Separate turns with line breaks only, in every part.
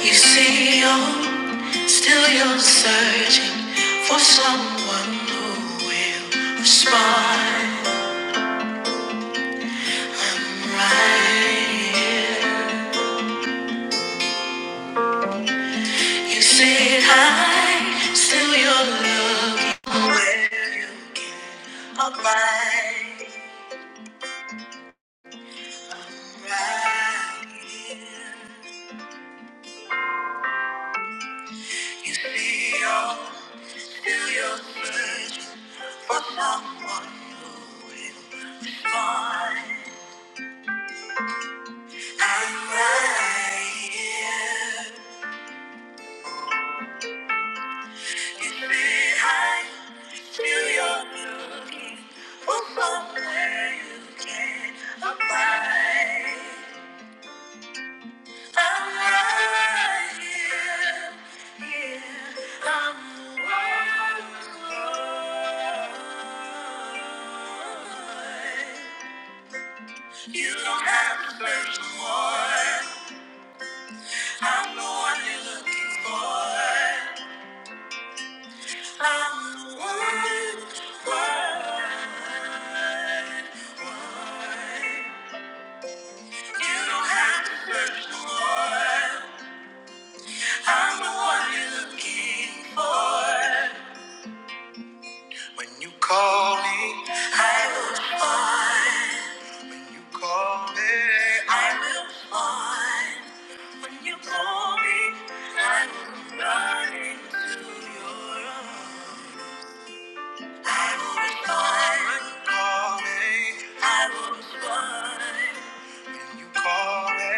You see, you're still you're searching for someone who will respond. I'm right here. You see, high, still you're looking where you are right. I'm right here. You see, you're still you're searching for someone who will respond. I'm right here. In behind, feel your looking for somewhere you can abide. I'm right here, yeah, I'm the one. You don't have to search for more. I'm the one you're looking for. When you call me, I will respond. When you call me, I will respond. When you call me, I will run into your arms. I will respond. Call me. I will respond. You call me.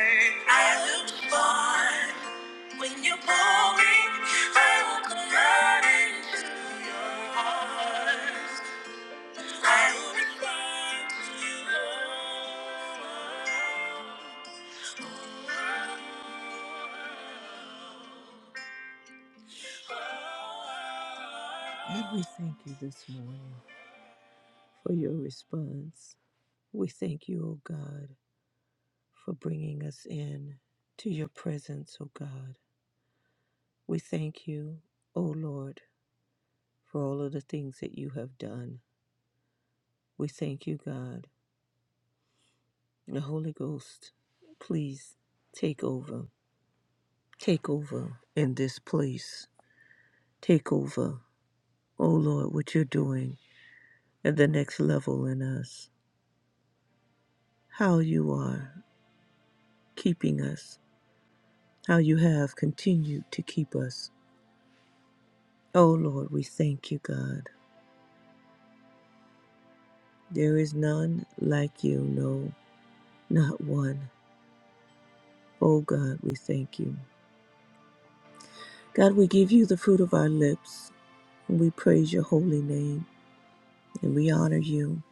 I will respond. When you call me, I will come right into your arms. I will respond to you, Lord. Lord, we thank you this morning for your response. We thank you, O God, for bringing us in to your presence, O God. We thank you, O Lord, for all of the things that you have done. We thank you, God. The Holy Ghost, please take over. Take over in this place. Take over, O Lord, what you're doing at the next level in us. How you are keeping us. How you have continued to keep us. O Lord, we thank you, God. There is none like you, no, not one. Oh God, we thank you. God, we give you the fruit of our lips, and we praise your holy name, and we honor you.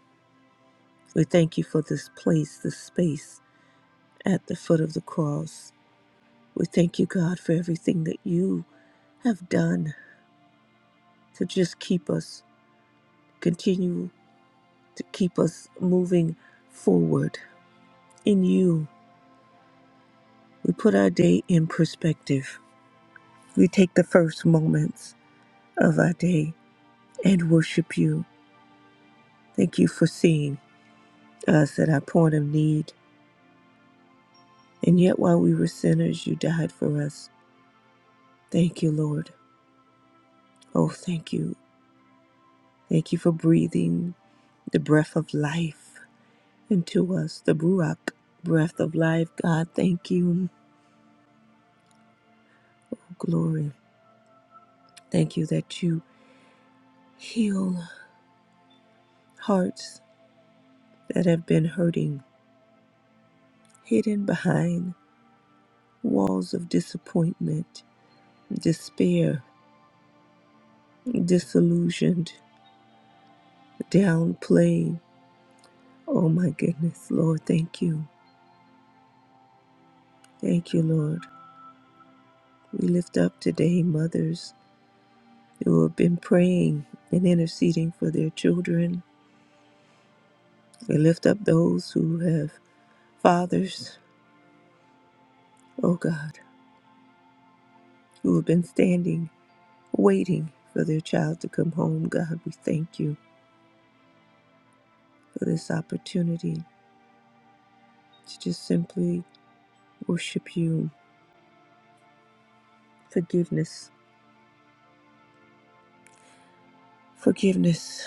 We thank you for this place, this space at the foot of the cross. We thank you, God, for everything that you have done to just keep us, continue to keep us moving forward in you. We put our day in perspective. We take the first moments of our day and worship you. Thank you for seeing us at our point of need. And yet, while we were sinners, you died for us. Thank you, Lord. Oh, thank you. Thank you for breathing the breath of life into us, the Ruach breath of life. God, thank you. Oh, glory. Thank you that you heal hearts that have been hurting, hidden behind walls of disappointment, despair, disillusioned. Downplayed. Oh my goodness, Lord, thank you. Thank you, Lord. We lift up today mothers who have been praying and interceding for their children. We lift up those who have fathers, oh God, who have been standing, waiting for their child to come home. God, we thank you for this opportunity to just simply worship you. Forgiveness, forgiveness.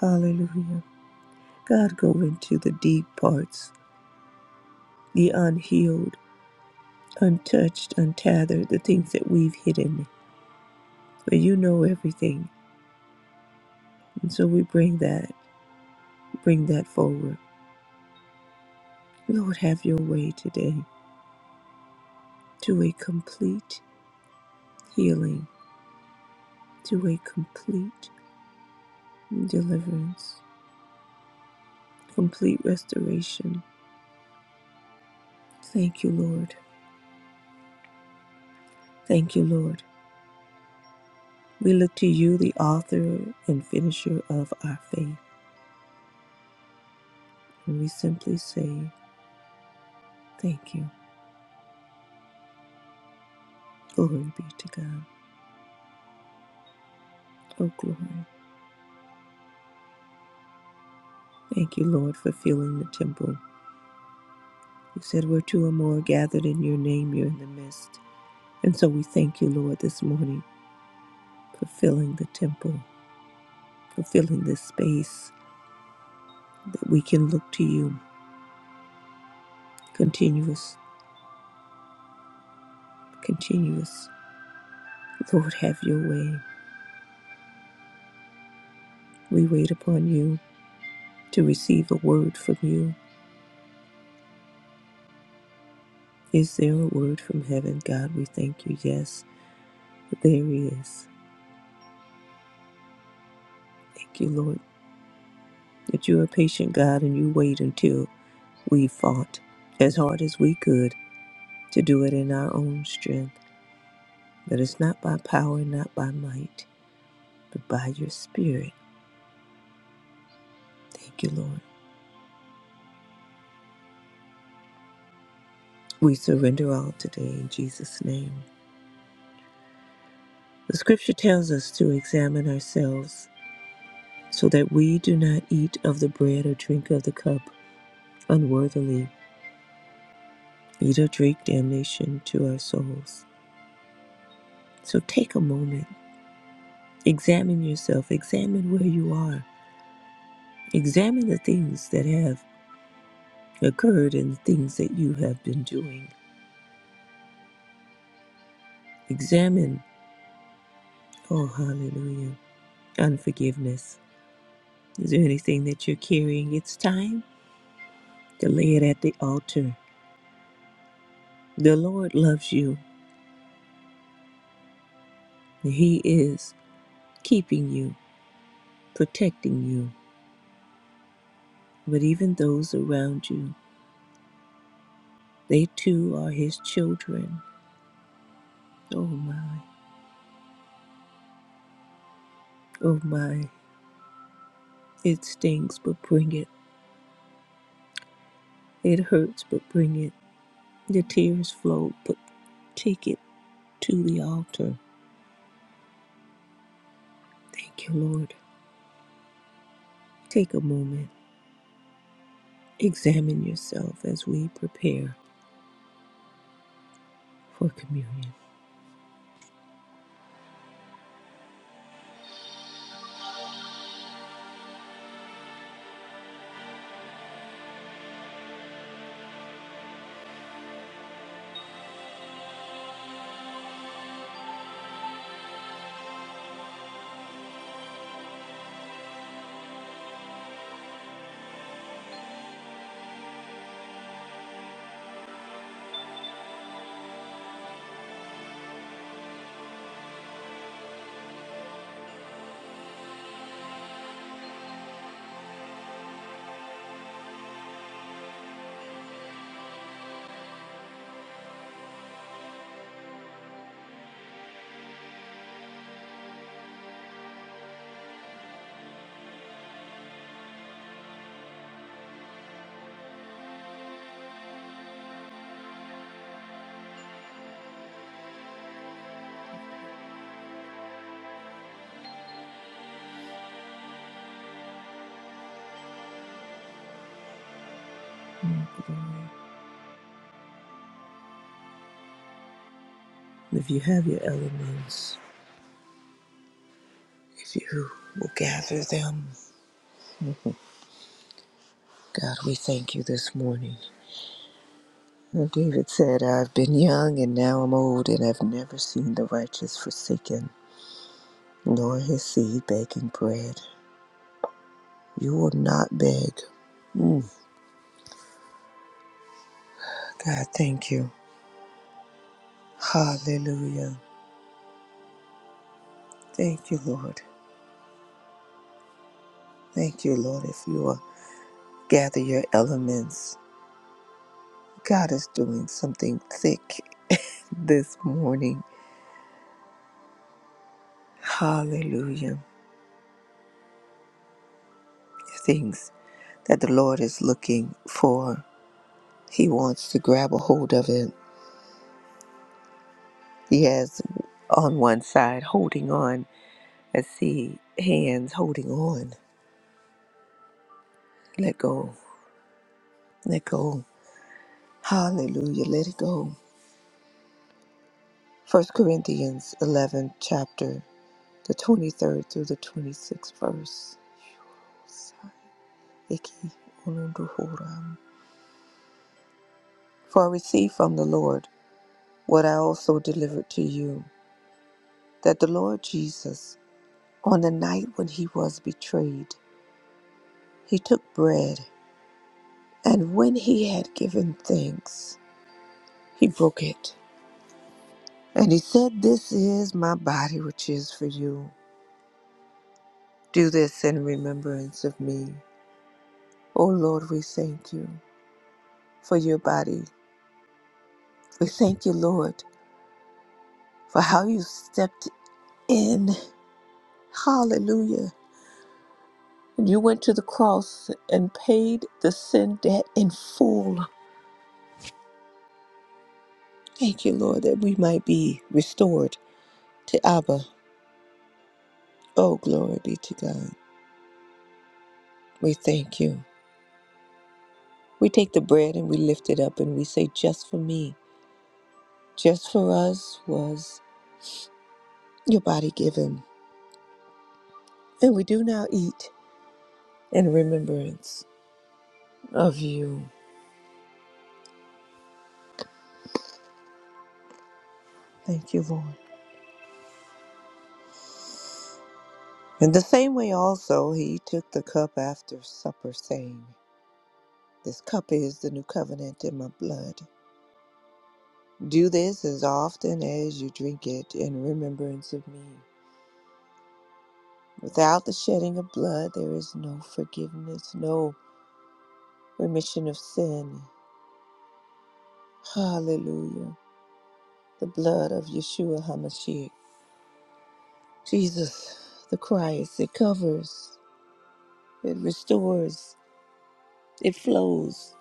Hallelujah. God, go into the deep parts the unhealed, untouched, untethered, the things that we've hidden. For you know everything. And so we bring that, bring that forward. Lord, have your way today to a complete healing, to a complete deliverance, complete restoration. Thank you, Lord. Thank you, Lord. We look to you, the author and finisher of our faith, and we simply say, Thank you. Glory be to God. Oh, glory. Thank you, Lord, for filling the temple. You said where two or more are gathered in your name, you're in the midst. And so we thank you, Lord, this morning for filling the temple, for filling this space that we can look to you. Continuous, continuous. Lord, have your way. We wait upon you to receive a word from you. Is there a word from heaven, God? We thank you. Yes, there is. Thank you, Lord, that you're a patient God and you wait until We fought as hard as we could to do it in our own strength, but it's not by power, not by might, but by your spirit. Thank you, Lord. We surrender all today in Jesus' name. The scripture tells us to examine ourselves so that we do not eat of the bread or drink of the cup unworthily, eat or drink damnation to our souls. So take a moment, examine yourself, examine where you are, examine the things that have occurred and the things that you have been doing. Examine, oh, hallelujah, unforgiveness. Is there anything that you're carrying? It's time to lay it at the altar. The Lord loves you, He is keeping you, protecting you. But even those around you, they too are His children. Oh, my, oh, my. It stings, but bring it. It hurts, but bring it. The tears flow, but take it to the altar. Thank you, Lord. Take a moment, examine yourself as we prepare for communion. Mm, glory. If you have your elements, if you will gather them, God, we thank you this morning. And David said, I've been young and now I'm old, and I've never seen the righteous forsaken, nor his seed begging bread. You will not beg. Mm. God, thank you. Hallelujah. Thank you, Lord. Thank you, Lord, if you are gather your elements. God is doing something thick this morning. Hallelujah. Things that the Lord is looking for. He wants to grab a hold of it. He has on one side holding on. I see hands holding on. Let go. Let go. Hallelujah. Let it go. First Corinthians 11, chapter, the 23rd through the 26th verse. For I received from the Lord what I also delivered to you, that the Lord Jesus, on the night when he was betrayed, he took bread, and when he had given thanks, he broke it. And he said, This is my body which is for you. Do this in remembrance of me. O Lord, we thank you for your body. We thank you, Lord, for how you stepped in. Hallelujah And You went to the cross and paid the sin debt in full. Thank you, Lord, that we might be restored to Abba. Oh, glory be to God. We thank you. We take the bread and we lift it up and we say, Just for me, just for us was your body given. And we do now eat in remembrance of you. Thank you, Lord. In the same way, also, he took the cup after supper, saying, This cup is the new covenant in my blood. Do this as often as you drink it in remembrance of me. Without the shedding of blood, there is no forgiveness, no remission of sin. Hallelujah. The blood of Yeshua HaMashiach, Jesus the Christ, it covers, it restores, it flows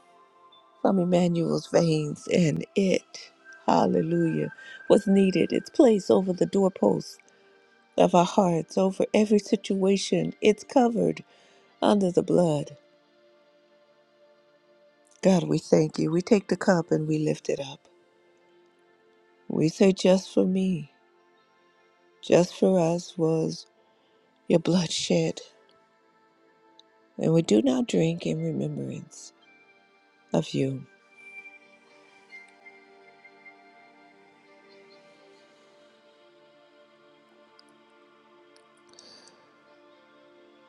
from Emmanuel's veins, and it, hallelujah, was needed. It's placed over the doorposts of our hearts, over every situation. It's covered under the blood. God, we thank you. We take the cup and we lift it up. We say, just for me, just for us was your blood shed. And we do now drink in remembrance of you.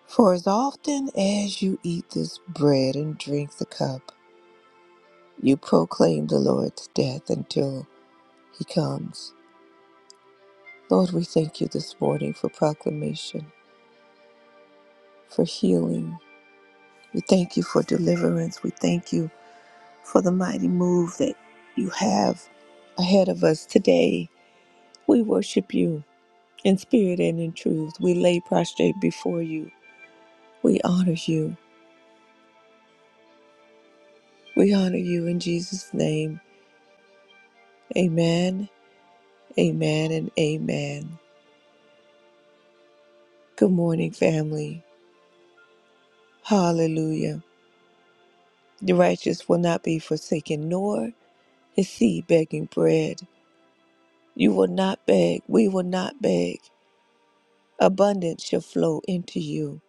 For as often as you eat this bread and drink the cup, you proclaim the Lord's death until he comes. Lord, we thank you this morning for proclamation, for healing. We thank you for deliverance. We thank you for the mighty move that you have ahead of us today. We worship you in spirit and in truth. We lay prostrate before you. We honor you. We honor you in Jesus' name. Amen, amen, and amen. Good morning, family. Hallelujah. The righteous will not be forsaken, nor is seed begging bread. You will not beg. We will not beg. Abundance shall flow into you.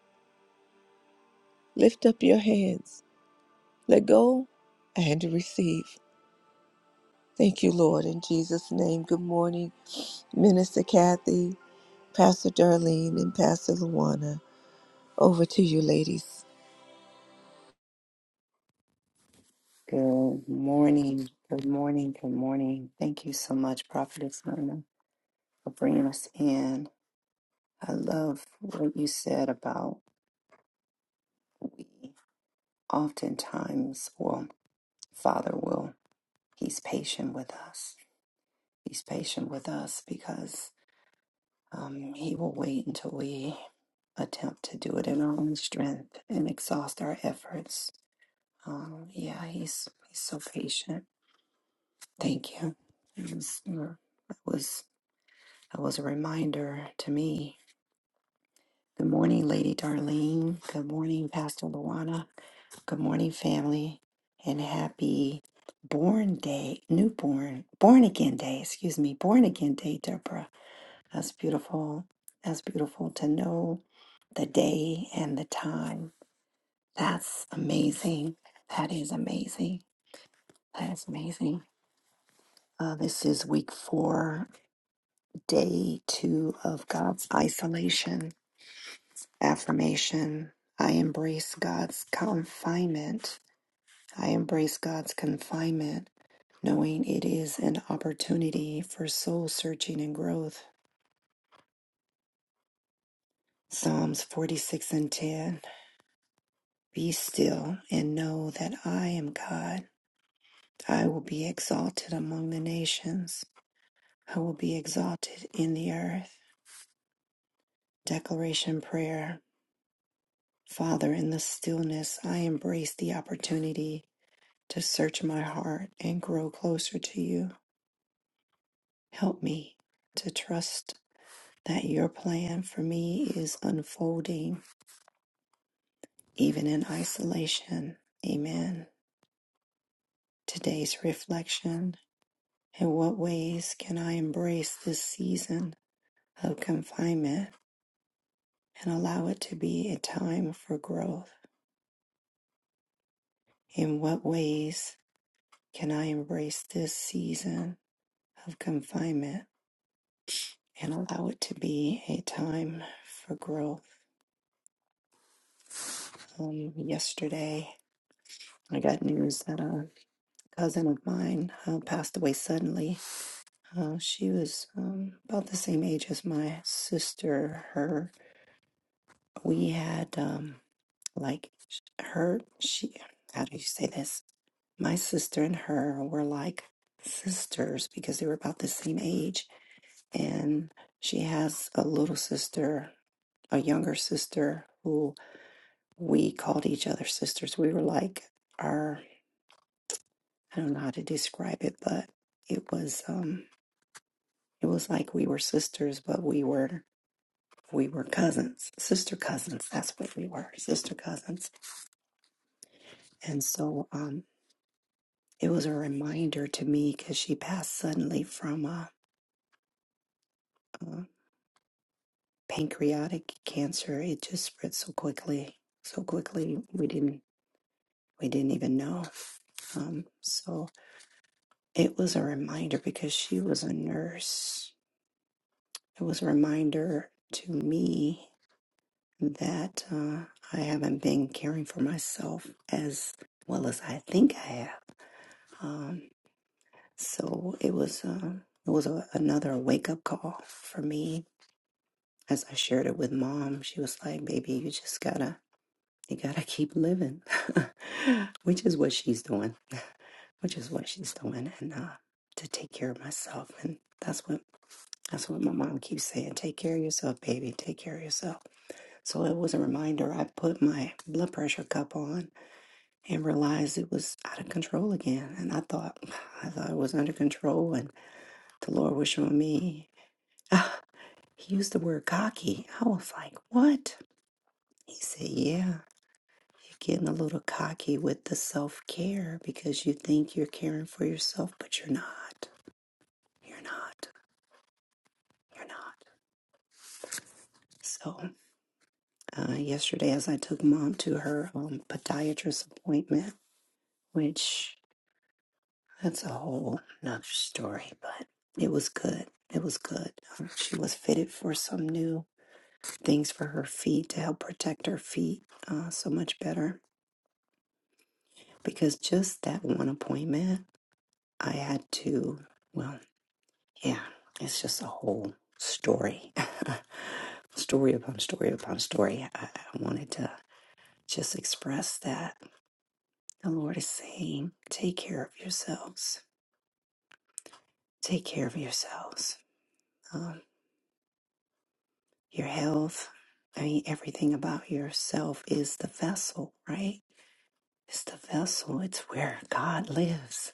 Lift up your hands Let go and receive. Thank you, Lord, in Jesus' name. Good morning, Minister Kathy, Pastor Darlene, and Pastor Luana. Over to you, ladies.
Good morning. Good morning. Good morning. Thank you so much, Prophetess Myrna, for bringing us in. I love what you said about we oftentimes, well, Father will, He's patient with us. He's patient with us because um, He will wait until we attempt to do it in our own strength and exhaust our efforts. Um, yeah, He's He's so patient. Thank you. It was, it was. That was a reminder to me. Good morning, Lady Darlene. Good morning, Pastor Luana. Good morning, family. And happy born day, newborn, born again day, excuse me, born again day, Deborah. That's beautiful. That's beautiful to know the day and the time. That's amazing. That is amazing. That is amazing. Uh, this is week four, day two of God's isolation Affirmation I embrace God's confinement. I embrace God's confinement, knowing it is an opportunity for soul searching and growth. Psalms 46 and 10 Be still and know that I am God. I will be exalted among the nations, I will be exalted in the earth. Declaration Prayer Father, in the stillness, I embrace the opportunity to search my heart and grow closer to you. Help me to trust that your plan for me is unfolding even in isolation. Amen. Today's reflection In what ways can I embrace this season of confinement and allow it to be a time for growth? In what ways can I embrace this season of confinement and allow it to be a time for growth? Um, yesterday, I got news that uh, cousin of mine uh, passed away suddenly. Uh, she was um, about the same age as my sister. Her, we had um, like her. She, how do you say this? My sister and her were like sisters because they were about the same age, and she has a little sister, a younger sister who we called each other sisters. We were like our. I don't know how to describe it, but it was. Um, It was like we were sisters, but we were we were cousins, sister cousins. That's what we were, sister cousins. And so um, it was a reminder to me because she passed suddenly from uh, uh, pancreatic cancer. It just spread so quickly, so quickly. We didn't we didn't even know. Um, so it was a reminder because she was a nurse. It was a reminder to me that uh, I haven't been caring for myself as well as I think I have. Um, so it was uh, it was a, another wake up call for me. As I shared it with mom, she was like, "Baby, you just gotta you gotta keep living," which is what she's doing, which is what she's doing, and uh, to take care of myself. And that's what that's what my mom keeps saying: "Take care of yourself, baby. Take care of yourself." So it was a reminder. I put my blood pressure cup on and realized it was out of control again. And I thought, I thought it was under control, and the Lord was showing me. Ah, he used the word cocky. I was like, what? He said, yeah, you're getting a little cocky with the self care because you think you're caring for yourself, but you're not. You're not. You're not. So, uh, yesterday, as I took mom to her um, podiatrist appointment, which That's a whole another story, but it was good. It was good. Um, She was fitted for some new things for her feet to help protect her feet uh, so much better. Because just that one appointment, I had to, well, yeah, it's just a whole story. story upon story upon story. I, I wanted to just express that the Lord is saying, take care of yourselves. Take care of yourselves. Um, your health. I mean, everything about yourself is the vessel, right? It's the vessel. It's where God lives.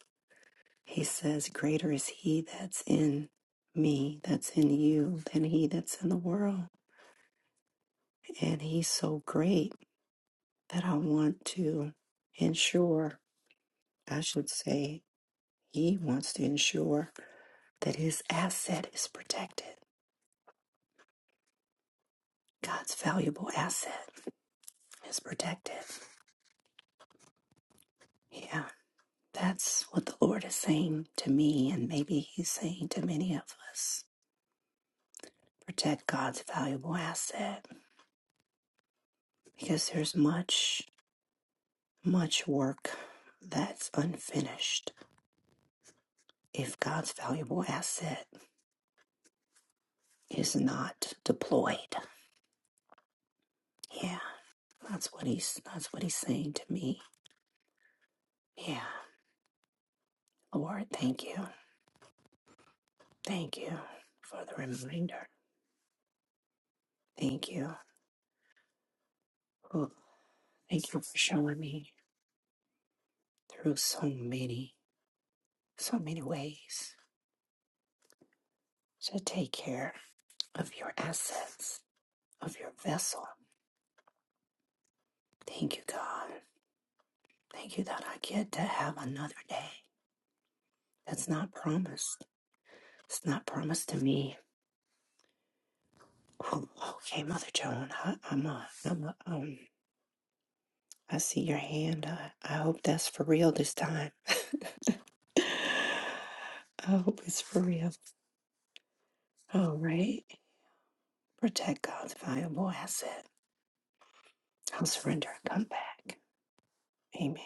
He says, Greater is He that's in me, that's in you, than He that's in the world. And He's so great that I want to ensure, I should say, He wants to ensure that His asset is protected. God's valuable asset is protected. Yeah. That's what the Lord is saying to me, and maybe He's saying to many of us. Protect God's valuable asset because there's much, much work that's unfinished if God's valuable asset is not deployed. Yeah, that's what He's that's what He's saying to me. Yeah, Lord, thank you, thank you for the reminder. Thank you, Ooh, thank you for showing me through so many, so many ways So take care of your assets, of your vessel. Thank you, God. Thank you that I get to have another day. That's not promised. It's not promised to me. Whew. Okay, Mother Joan, I, I'm a, I'm a, um, I see your hand. I, I hope that's for real this time. I hope it's for real. All right. Protect God's valuable asset. I'll surrender and come back. Amen.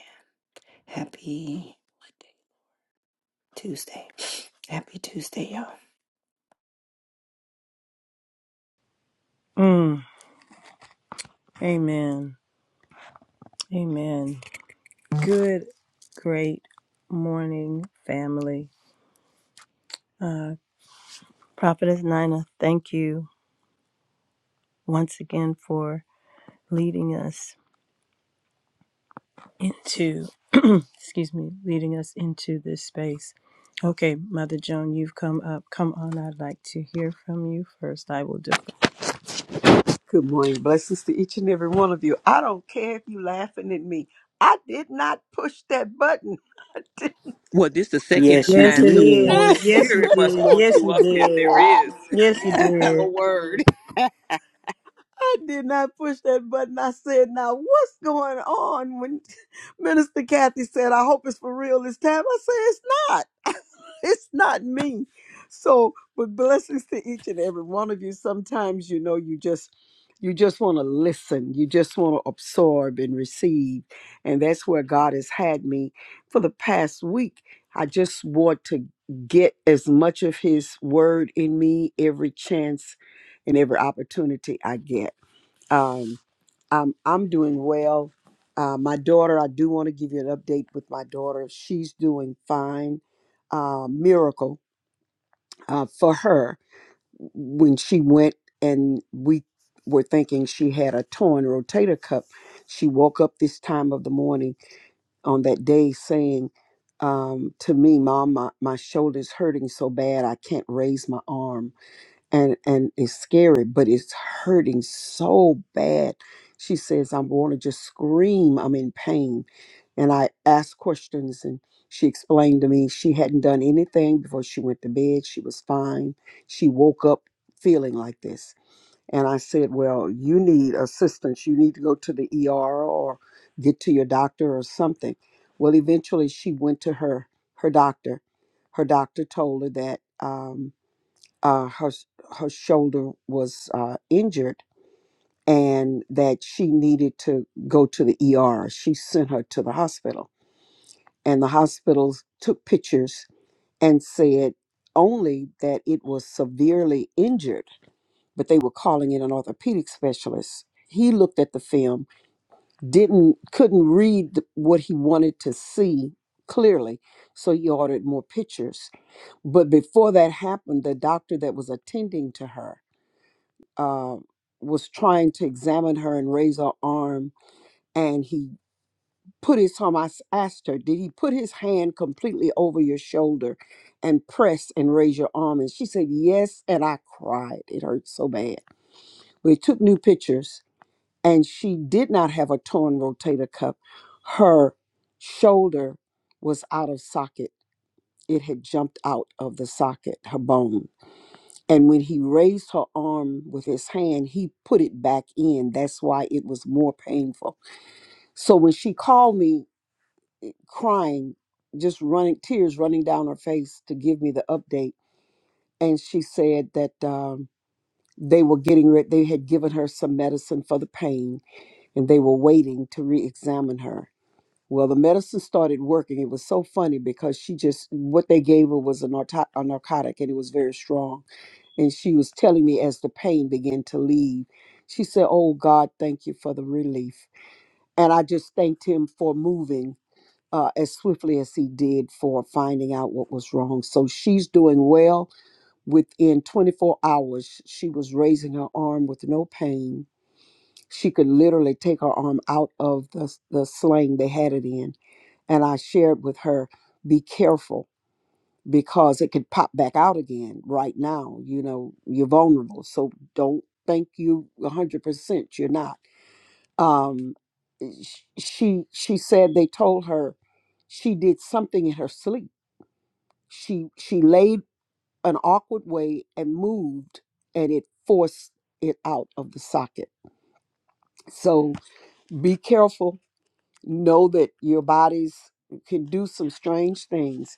Happy. Tuesday. Happy Tuesday, y'all.
Mm, amen. Amen. Good, great morning, family. Uh, Prophetess Nina, thank you once again for leading us into, excuse me, leading us into this space. Okay, Mother Joan, you've come up. Come on, I'd like to hear from you first. I will defer.
Good morning. Blessings to each and every one of you. I don't care if you're laughing at me. I did not push that button.
Well, this the second
Yes,
time,
it
so
Did.
Holy
is. Yes, you
Spirit must
did.
want you up here. There
Yes,
is
yes you
a
did.
word.
I did not push that button. I said, now what's going on? When Minister Kathy said, I hope it's for real this time, I said, it's not. it's not me. So, but blessings to each and every one of you. Sometimes, you know, you just, you just want to listen. You just want to absorb and receive. And that's where God has had me for the past week. I just want to get as much of his word in me every chance and every opportunity I get. Um, I'm I'm doing well. Uh, my daughter, I do want to give you an update with my daughter. She's doing fine. Uh, miracle uh, for her when she went and we were thinking she had a torn rotator cuff. She woke up this time of the morning on that day saying um, to me, "Mom, my, my shoulder's hurting so bad I can't raise my arm." and and it's scary but it's hurting so bad she says i want to just scream i'm in pain and i asked questions and she explained to me she hadn't done anything before she went to bed she was fine she woke up feeling like this and i said well you need assistance you need to go to the er or get to your doctor or something well eventually she went to her her doctor her doctor told her that Um, uh, her her shoulder was uh, injured and that she needed to go to the ER. She sent her to the hospital, and the hospitals took pictures and said only that it was severely injured, but they were calling in an orthopedic specialist. He looked at the film, didn't couldn't read the- what he wanted to see clearly, so he ordered more pictures. But before that happened, the doctor that was attending to her um, was trying to examine her and raise her arm, and he put his arm. I s- asked her, "Did he put his hand completely over your shoulder and press and raise your arm?" And she said, "Yes," and I cried. It hurt so bad. We took new pictures, and she did not have a torn rotator cuff. Her shoulder was out of socket. It had jumped out of the socket, her bone And when he raised her arm with his hand, he put it back in. That's why it was more painful. So when she called me crying, just running, tears running down her face to give me the update, and she said that um, they were getting ready, they had given her some medicine for the pain, and they were waiting to re examine her. Well, the medicine started working. It was so funny because she just, what they gave her was a, narco- a narcotic and it was very strong And she was telling me as the pain began to leave, she said, Oh God, thank you for the relief. And I just thanked him for moving uh, as swiftly as he did for finding out what was wrong. So she's doing well. Within 24 hours, she was raising her arm with no pain. She could literally take her arm out of the, the sling they had it in. And I shared with her, Be careful because it could pop back out again right now. You know, you're vulnerable. So don't think you 100% you're not. Um, sh- she she said they told her she did something in her sleep. She she laid an awkward way and moved and it forced it out of the socket. So be careful. Know that your bodies can do some strange things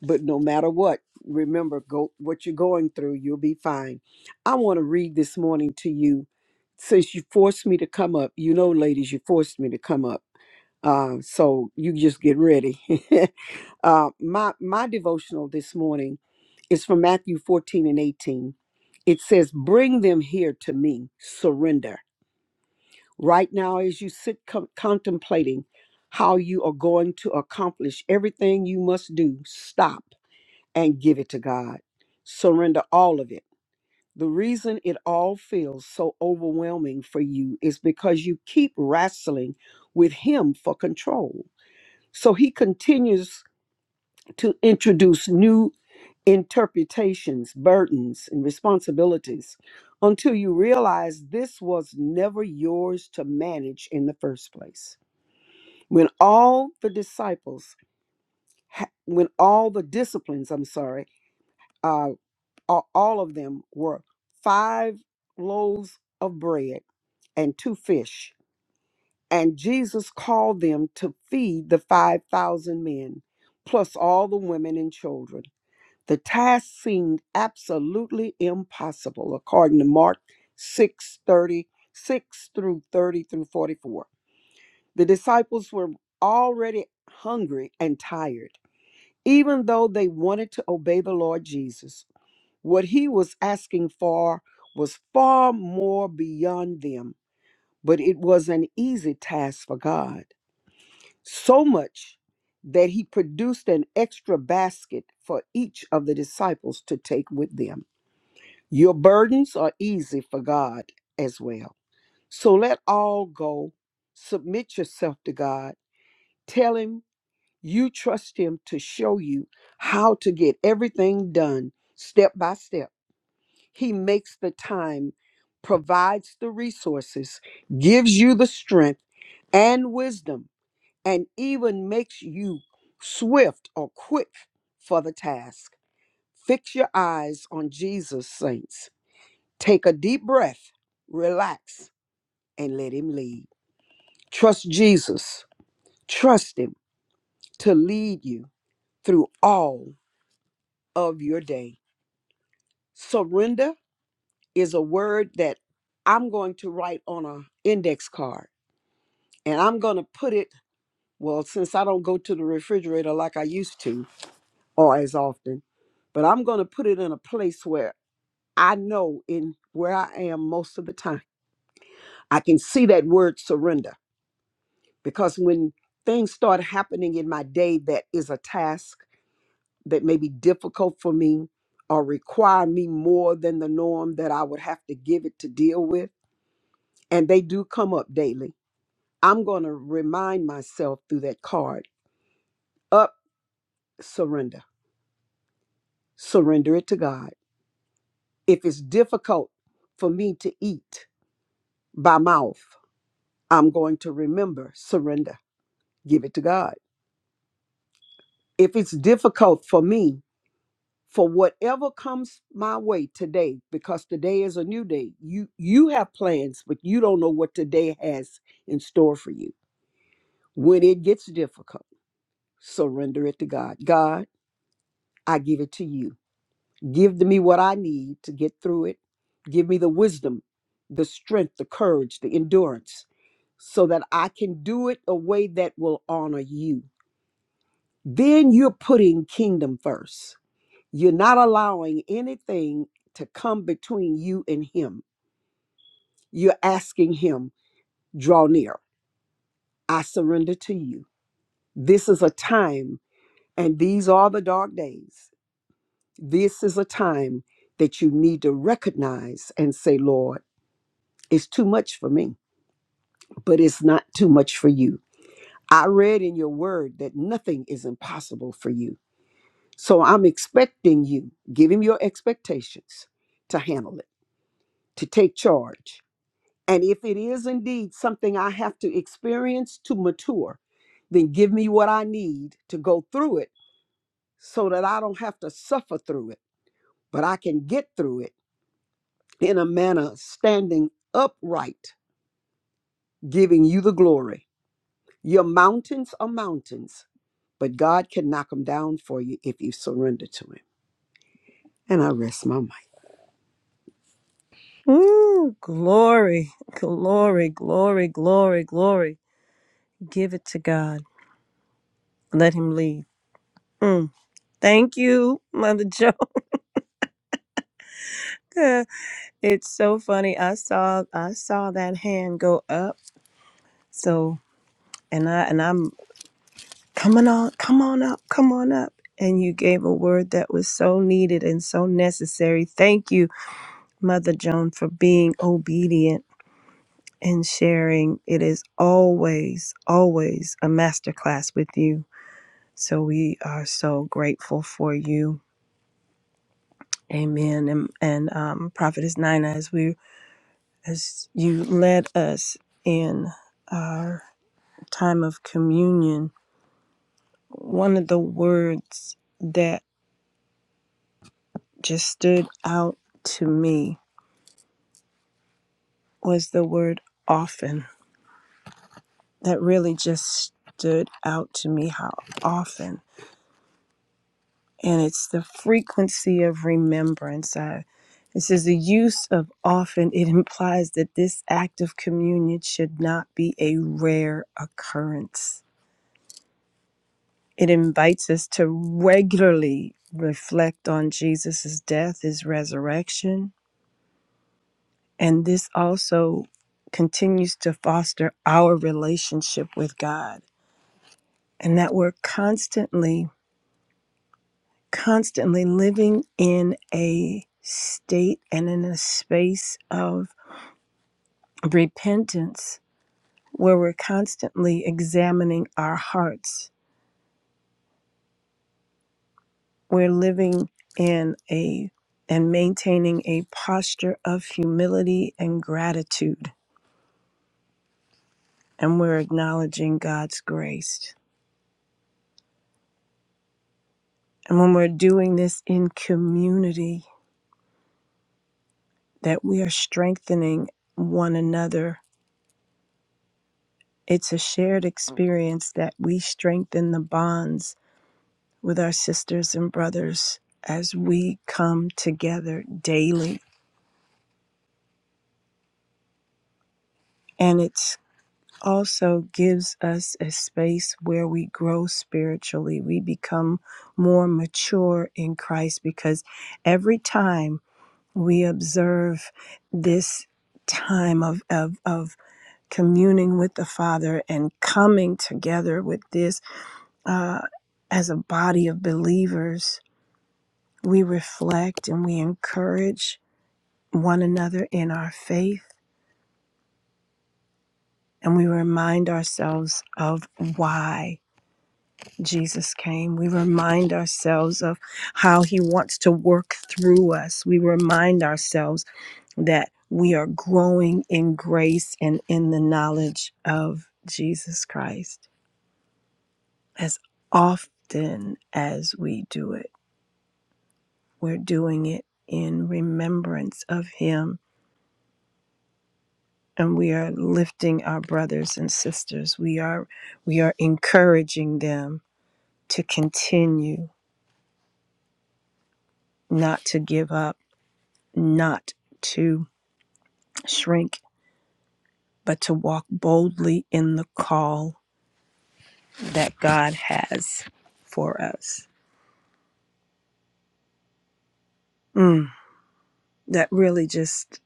But no matter what, remember go what you're going through, you'll be fine. I want to read this morning to you since you forced me to come up. You know, ladies, you forced me to come up. Uh, so you just get ready. uh, my my devotional this morning is from Matthew 14 and 18. It says, "Bring them here to me. Surrender." Right now as you sit co- contemplating how you are going to accomplish everything you must do, stop and give it to God. Surrender all of it. The reason it all feels so overwhelming for you is because you keep wrestling with Him for control. So He continues to introduce new interpretations, burdens, and responsibilities until you realize this was never yours to manage in the first place. When all the disciples, ha- when all the disciplines, I'm sorry, uh, a- all of them were five loaves of bread and two fish. And Jesus called them to feed the 5,000 men, plus all the women and children. The task seemed absolutely impossible, according to Mark six thirty six through 30 through 44. The disciples were already hungry and tired, even though they wanted to obey the Lord Jesus. What he was asking for was far more beyond them, but it was an easy task for God. So much that he produced an extra basket for each of the disciples to take with them. Your burdens are easy for God as well. So let all go. Submit yourself to God. Tell him you trust him to show you how to get everything done step by step He makes the time, provides the resources, gives you the strength and wisdom, and even makes you swift or quick for the task. Fix your eyes on Jesus, saints. Take a deep breath, relax, and let Him lead. Trust Jesus. Trust Him to lead you through all of your day. Surrender is a word that I'm going to write on an index card and I'm going to put it, well, since I don't go to the refrigerator like I used to or as often, but I'm going to put it in a place where I know in where I am most of the time. I can see that word surrender because when things start happening in my day that is a task that may be difficult for me or require me more than the norm that I would have to give it to deal with, and they do come up daily, I'm going to remind myself through that card up surrender surrender it to God. If it's difficult for me to eat by mouth, I'm going to remember surrender, give it to God. If it's difficult for me, for whatever comes my way today, because today is a new day. You you have plans, but you don't know what today has in store for you. When it gets difficult, surrender it to God. God, I give it to you. Give me what I need to get through it. Give me the wisdom, the strength, the courage, the endurance, so that I can do it a way that will honor you. Then you're putting kingdom first. You're not allowing anything to come between you and Him. You're asking Him, draw near. I surrender to you. This is a time, and these are the dark days. This is a time that you need to recognize and say, Lord, It's too much for me, but it's not too much for you. I read in your word that nothing is impossible for you. So I'm expecting you, give him your expectations to handle it, to take charge. And if it is indeed something I have to experience to mature, then give me what I need to go through it so that I don't have to suffer through it, but I can get through it in a manner standing upright, giving you the glory Your mountains are mountains, but God can knock them down for you if you surrender to Him. And I rest my mind.
Ooh, glory, glory, glory, glory, glory. Give it to God. Let Him lead. Mm. Thank you, Mother Joe. it's so funny. I saw I saw that hand go up. So and I and I'm coming on, come on up, come on up. And you gave a word that was so needed and so necessary. Thank you, Mother Joan, for being obedient and sharing. It is always, always a masterclass with you. So we are so grateful for you Amen. And, and um, Prophetess Nina, as we as you led us in our time of communion, one of the words that just stood out to me was the word often. That really just stood out to me how often. and it's the frequency of remembrance. I, it says the use of often, it implies that this act of communion should not be a rare occurrence. It invites us to regularly reflect on Jesus' death, his resurrection, and this also continues to foster our relationship with God, and that we're constantly constantly living in a state and in a space of repentance where we're constantly examining our hearts. We're living in a and maintaining a posture of humility and gratitude, and we're acknowledging God's grace. And when we're doing this in community, that we are strengthening one another, it's a shared experience that we strengthen the bonds with our sisters and brothers as we come together daily. And it's also gives us a space where we grow spiritually. We become more mature in Christ because every time we observe this time of, of, of communing with the Father and coming together with this uh, as a body of believers, we reflect and we encourage one another in our faith and we remind ourselves of why Jesus came. We remind ourselves of how he wants to work through us. We remind ourselves that we are growing in grace and in the knowledge of Jesus Christ. As often as we do it, we're doing it in remembrance of him and we are lifting our brothers and sisters. We are we are encouraging them to continue, not to give up, not to shrink, but to walk boldly in the call that God has for us. Mm, that really just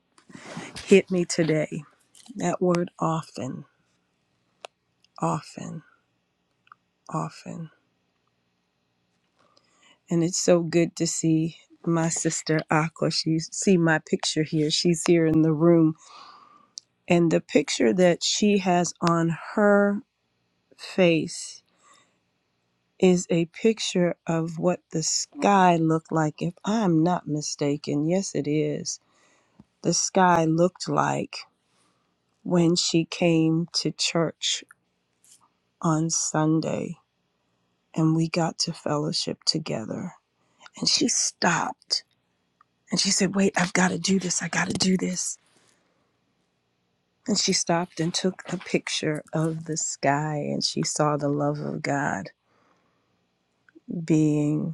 hit me today. That word often, often, often. And it's so good to see my sister Aqua. She see my picture here. She's here in the room And the picture that she has on her face is a picture of what the sky looked like, if I'm not mistaken. Yes, it is. The sky looked like when she came to church on Sunday and we got to fellowship together. And she stopped and she said, Wait, I've got to do this. I got to do this. And she stopped and took a picture of the sky and she saw the love of God being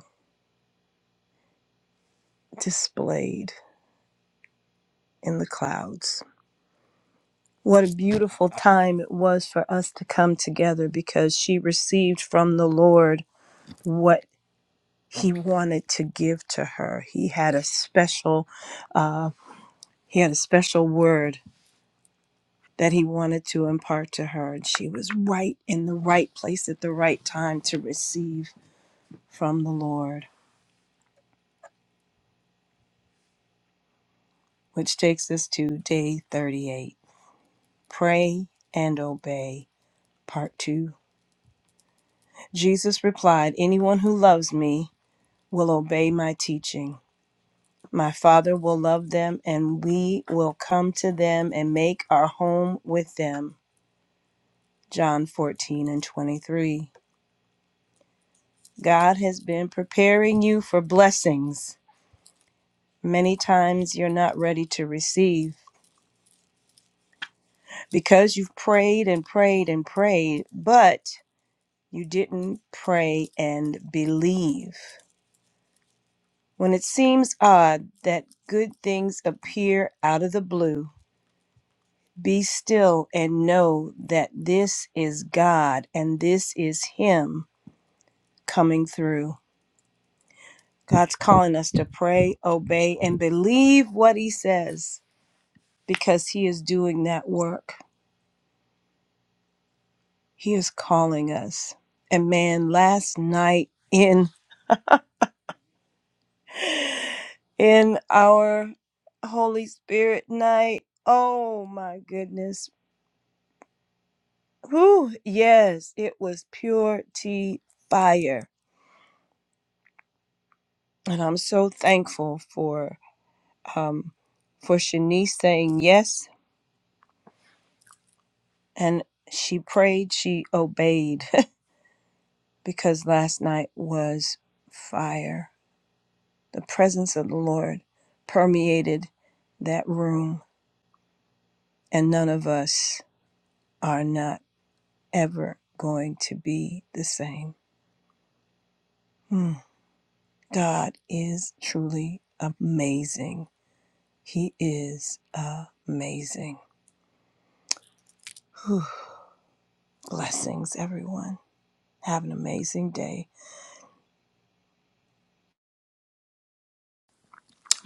displayed in the clouds. What a beautiful time it was for us to come together because she received from the Lord what he wanted to give to her. He had a special uh, he had a special word that he wanted to impart to her and she was right in the right place at the right time to receive from the Lord, which takes us to day 38. Pray and obey, part 2. Jesus replied, Anyone who loves me will obey my teaching. My Father will love them, and we will come to them and make our home with them. John 14 and 23. God has been preparing you for blessings. Many times you're not ready to receive because you've prayed and prayed and prayed, but you didn't pray and believe. When it seems odd that good things appear out of the blue, be still and know that this is God and this is Him coming through. God's calling us to pray, obey, and believe what He says because He is doing that work. He is calling us. And man, last night in in our Holy Spirit night, oh my goodness Whew, yes, it was pure tea fire. And I'm so thankful for um for Shanice saying yes and she prayed, she obeyed because last night was fire. The presence of the Lord permeated that room and none of us are not ever going to be the same. Hmm. God is truly amazing. He is amazing. Whew. Blessings, everyone. Have an amazing day.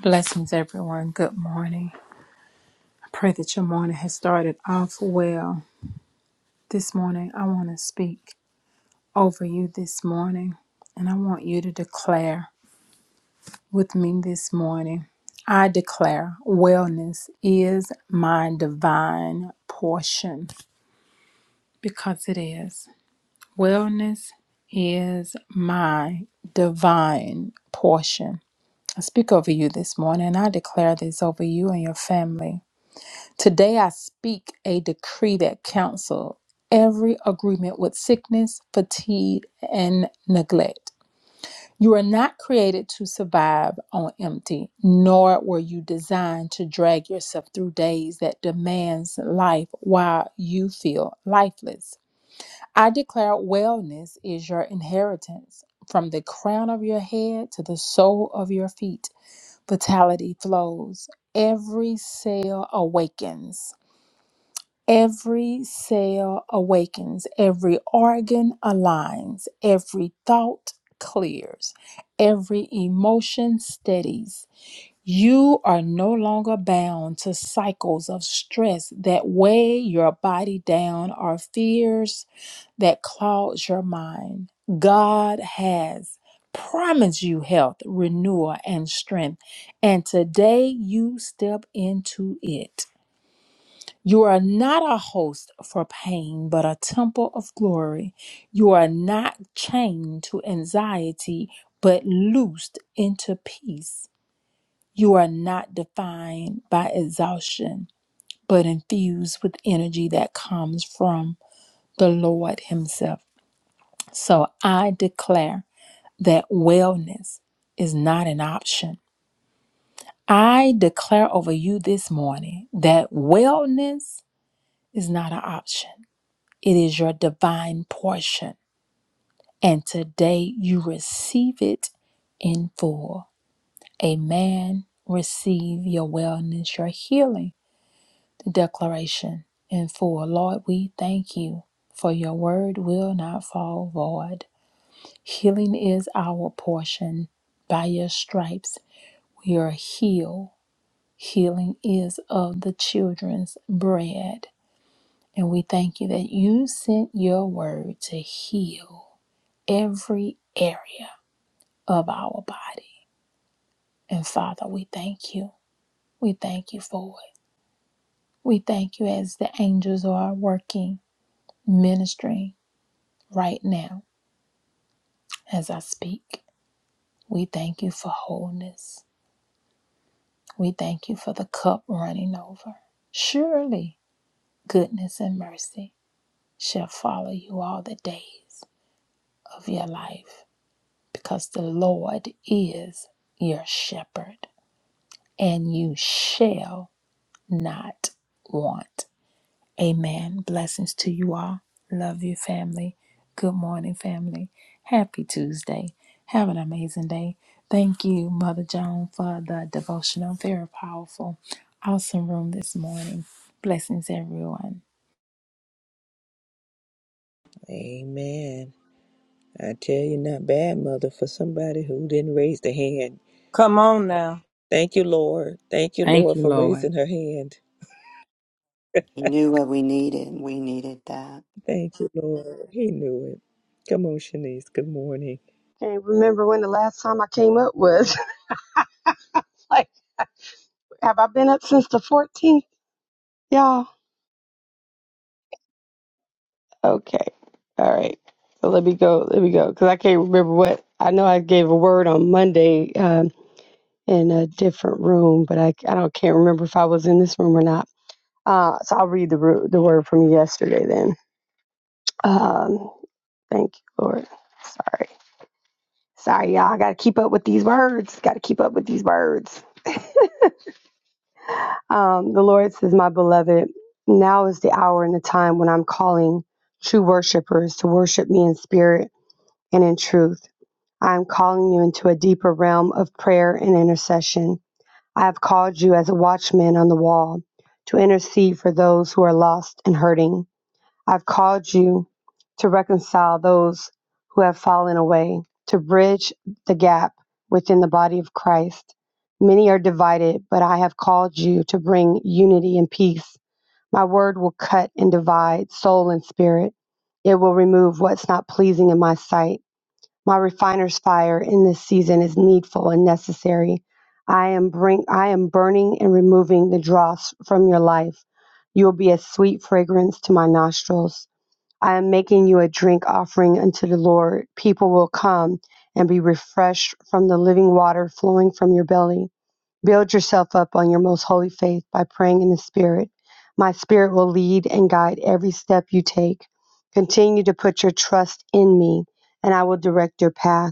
Blessings, everyone. Good morning. I pray that your morning has started off well. This morning, I want to speak over you this morning, and I want you to declare with me this morning I declare wellness is my divine portion because it is. Wellness is my divine portion. I speak over you this morning, and I declare this over you and your family. Today I speak a decree that cancels every agreement with sickness, fatigue, and neglect. You are not created to survive on empty, nor were you designed to drag yourself through days that demands life while you feel lifeless. I declare wellness is your inheritance. From the crown of your head to the sole of your feet, vitality flows. Every cell awakens Every cell awakens, every organ aligns, every thought clears, every emotion steadies. You are no longer bound to cycles of stress that weigh your body down or fears that clouds your mind. God has promised you health, renewal, and strength, and today you step into it. You are not a host for pain, but a temple of glory. You are not chained to anxiety, but loosed into peace. You are not defined by exhaustion, but infused with energy that comes from the Lord Himself. So I declare that wellness is not an option. I declare over you this morning that wellness is not an option. It is your divine portion. And today you receive it in full. Amen. Receive your wellness, your healing, the declaration in full. Lord, we thank you for your word will not fall void. Healing is our portion. By your stripes we are healed. Healing is of the children's bread. And we thank you that you sent your word to heal every area of our body. And Father, we thank you. We thank you for it. We thank you as the angels are working, ministering right now as I speak. We thank you for wholeness. We thank you for the cup running over. Surely goodness and mercy shall follow you all the days of your life because the Lord is your shepherd and you shall not want. Amen. Blessings to you all. Love you, family. Good morning, family. Happy Tuesday. Have an amazing day. Thank you, Mother Joan, for the devotional. Very powerful, awesome room this morning. Blessings, everyone.
Amen. I tell you, not bad, mother, for somebody who didn't raise the hand.
Come on now.
Thank you, Lord. Thank you,
Thank
Lord,
you,
for
Lord.
raising her hand.
He knew what we needed. and We needed that.
Thank you, Lord. He knew it. Come on, Shanice. Good morning.
Can't remember when the last time I came up was. like, have I been up since the 14th? Y'all. Okay. All right. So let me go. Let me go. Because I can't remember what. I know I gave a word on Monday um, in a different room, but I, I don't can't remember if I was in this room or not. Uh, so I'll read the, ru- the word from yesterday then. Um, thank you, Lord. Sorry. Sorry, y'all. I got to keep up with these words. Got to keep up with these words. Um, the Lord says, My beloved, now is the hour and the time when I'm calling true worshipers to worship me in spirit and in truth. I am calling you into a deeper realm of prayer and intercession. I have called you as a watchman on the wall to intercede for those who are lost and hurting. I've called you to reconcile those who have fallen away, to bridge the gap within the body of Christ. Many are divided, but I have called you to bring unity and peace. My word will cut and divide soul and spirit. It will remove what's not pleasing in my sight. My refiner's fire in this season is needful and necessary. I am bring I am burning and removing the dross from your life. You will be a sweet fragrance to my nostrils. I am making you a drink offering unto the Lord. People will come and be refreshed from the living water flowing from your belly. Build yourself up on your most holy faith by praying in the Spirit. My Spirit will lead and guide every step you take. Continue to put your trust in me, and I will direct your path.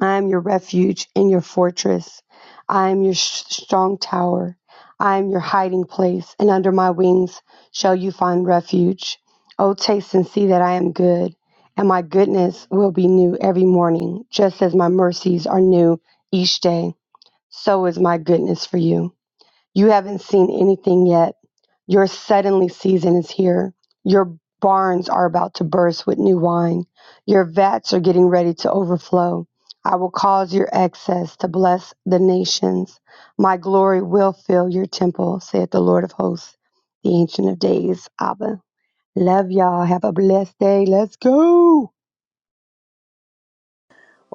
I am your refuge and your fortress. I am your sh- strong tower. I am your hiding place, and under my wings shall you find refuge. Oh, taste and see that I am good, and my goodness will be new every morning, just as my mercies are new each day. So is my goodness for you. You haven't seen anything yet. Your suddenly season is here. Your barns are about to burst with new wine. Your vats are getting ready to overflow. I will cause your excess to bless the nations. My glory will fill your temple, saith the Lord of hosts, the Ancient of Days. Abba. Love y'all. Have a blessed day. Let's go.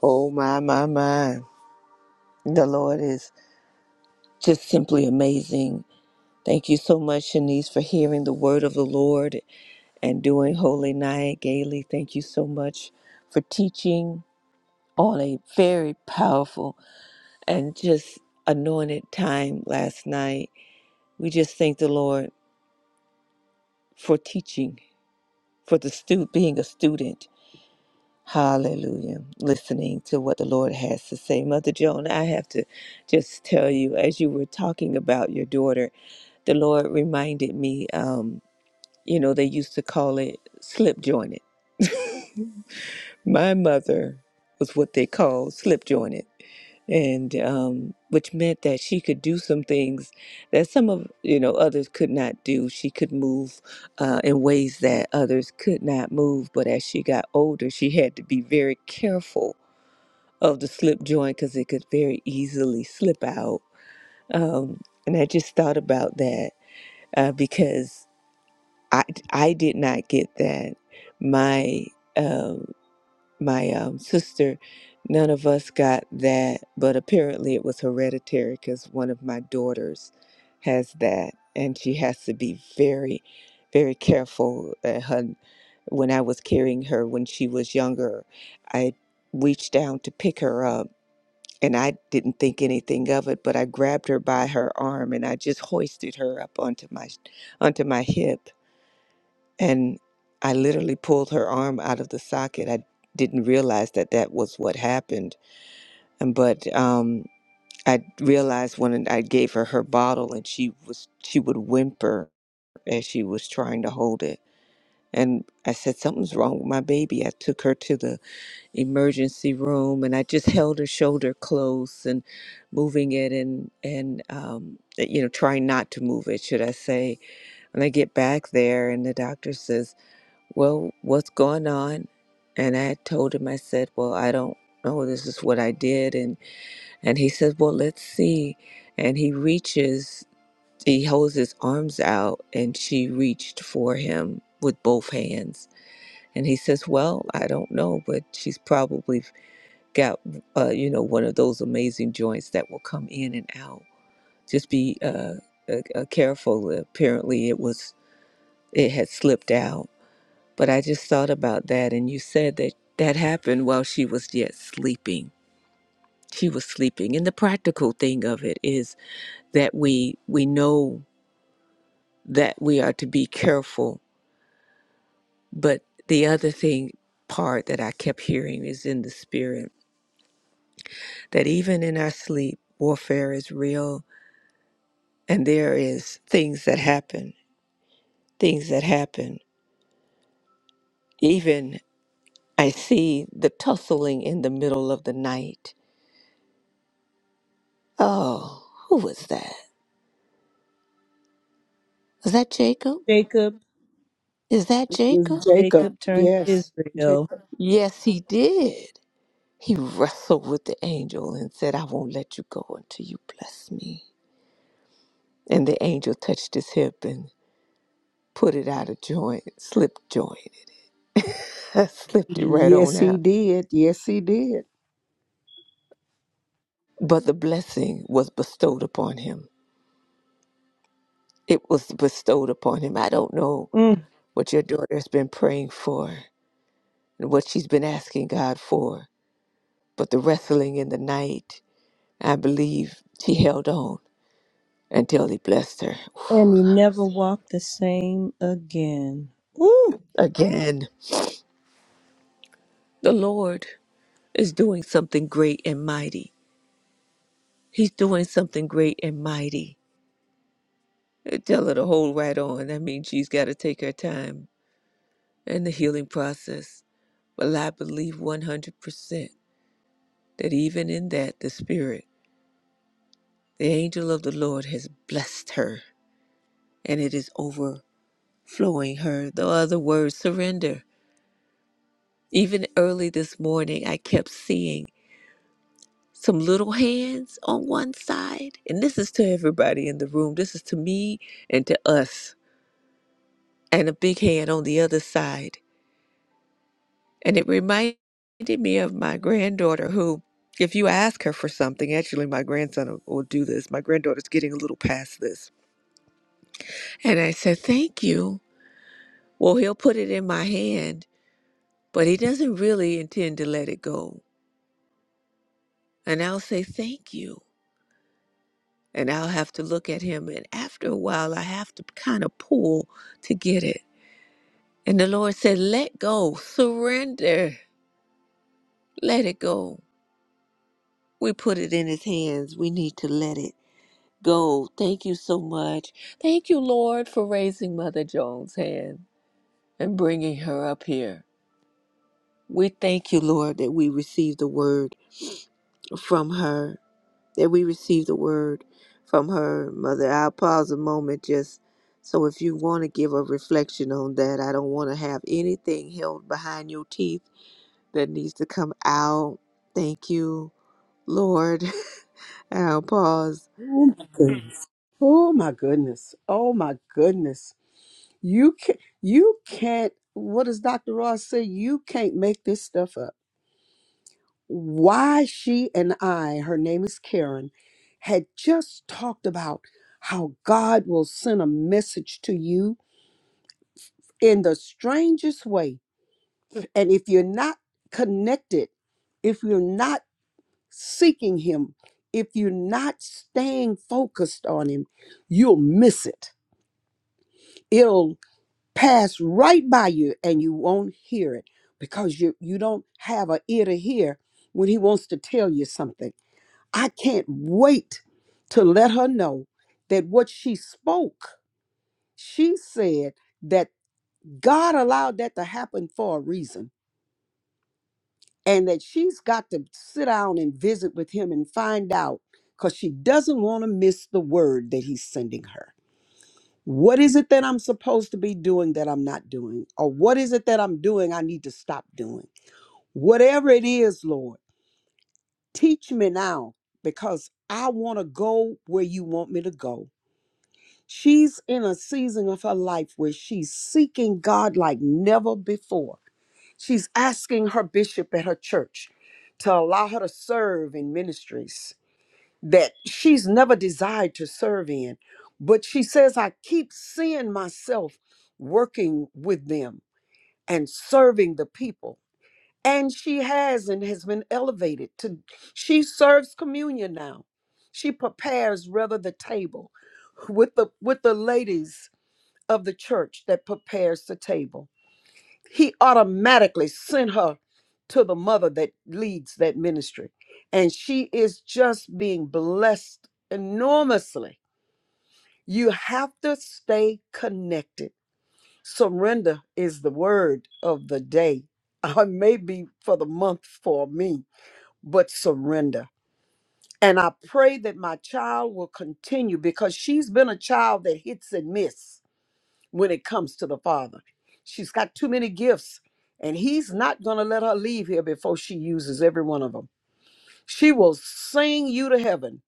Oh, my, my, my. The Lord is just simply amazing. Thank you so much, Shanice, for hearing the word of the Lord and doing Holy Night gaily. Thank you so much for teaching on a very powerful and just anointed time last night. We just thank the Lord for teaching, for the stu- being a student Hallelujah. Listening to what the Lord has to say. Mother Joan, I have to just tell you, as you were talking about your daughter, the Lord reminded me, um, you know, they used to call it slip jointed. My mother was what they called slip jointed, and um, which meant that she could do some things that some of you know others could not do. She could move uh, in ways that others could not move. But as she got older, she had to be very careful of the slip joint because it could very easily slip out. Um, and I just thought about that uh, because I, I did not get that. My um, my um, sister, none of us got that, but apparently it was hereditary because one of my daughters has that, and she has to be very, very careful. Uh, her when I was carrying her when she was younger, I reached down to pick her up and I didn't think anything of it, but I grabbed her by her arm and I just hoisted her up onto my onto my hip and I literally pulled her arm out of the socket. I didn't realize that that was what happened. And But um, I realized when I gave her her bottle and she was she would whimper as she was trying to hold it. And I said something's wrong with my baby. I took her to the emergency room and I just held her shoulder close and moving it and and um, eh, you know trying not to move it should I say and I get back there and the doctor says well what's going on and I told him I said well I don't know this is what I did and and he says well let's see and he reaches he holds his arms out and she reached for him with both hands and he says well I don't know but she's probably got uh, you know one of those amazing joints that will come in and out. Just be uh, uh, uh, careful. Apparently, it was it had slipped out. But I just thought about that, and you said that that happened while she was yet sleeping. She was sleeping, and the practical thing of it is that we we know that we are to be careful. But the other thing part that I kept hearing is in the spirit that even in our sleep, warfare is real and there is things that happen things that happen even i see the tussling in the middle of the night oh who was that was that jacob
Jacob,
is that jacob
Yes, Jacob,
Jacob turned to
yes,
Israel.
Jacob,
yes he did he wrestled with the angel and said i won't let you go until you bless me and the angel touched his hip and put it out of joint slip joint slipped it right
yes,
on
he
out
did, yes, he did.
but the blessing was bestowed upon him it was bestowed upon him. I don't know
Mm.
what your daughter's been praying for and what she's been asking God for, but the wrestling in the night, I believe she held on until he blessed her.
And he never walked the same again. Woo!
Again, the Lord is doing something great and mighty. He's doing something great and mighty. Uh, Tell her to hold right on. That means she's got to take her time and the healing process. Well, I believe 100% that even in that, the Spirit The angel of the Lord has blessed her, and it is overflowing her. The other word, surrender. Even early this morning, I kept seeing some little hands on one side. And this is to everybody in the room. This is to me and to us. And a big hand on the other side. And it reminded me of my granddaughter, who, if you ask her for something, actually, my grandson will will do this. My granddaughter's getting a little past this. And I said, Thank you. Well, he'll put it in my hand, but he doesn't really intend to let it go. And I'll say, thank you. And I'll have to look at him. And after a while, I have to kind of pull to get it. And the Lord said, let go, surrender, let it go. We put it in his hands. We need to let it go. Thank you so much. Thank you, Lord, for raising Mother Jones' hand and bringing her up here. We thank you, Lord, that we received the word from her. that we received a word from her mother. I'll pause a moment just so if you want to give a reflection on that, I don't want to have anything held behind your teeth that needs to come out. Thank you, Lord. I'll pause.
Oh my goodness! Oh my goodness! Oh my goodness! You can not you can't. What does Dr. Ross say? You can't make this stuff up. Why she and I, her name is Karen, had just talked about how God will send a message to you in the strangest way. And if you're not connected, if you're not seeking Him, if you're not staying focused on Him, you'll miss it. It'll pass right by you and you won't hear it because you, you don't have an ear to hear when He wants to tell you something. I can't wait to let her know that what she spoke, she said that God allowed that to happen for a reason and that she's got to sit down and visit with him and find out because she doesn't want to miss the word that he's sending her. What is it that I'm supposed to be doing that I'm not doing? Or what is it that I'm doing I need to stop doing? Whatever it is, Lord, teach me now because I want to go where you want me to go. She's in a season of her life where she's seeking God like never before She's asking her bishop at her church to allow her to serve in ministries that she's never desired to serve in. But she says, I keep seeing myself working with them and serving the people. And she has and has been elevated to, she serves communion now. She prepares rather the table with the with the ladies of the church that prepares the table he automatically sent her to the mother that leads that ministry. And she is just being blessed enormously. You have to stay connected. Surrender is the word of the day. Or maybe for the month for me, but surrender. And I pray that my child will continue because she's been a child that hits and miss when it comes to the Father. She's got too many gifts, and He's not going to let her leave here before she uses every one of them. She will sing you to heaven.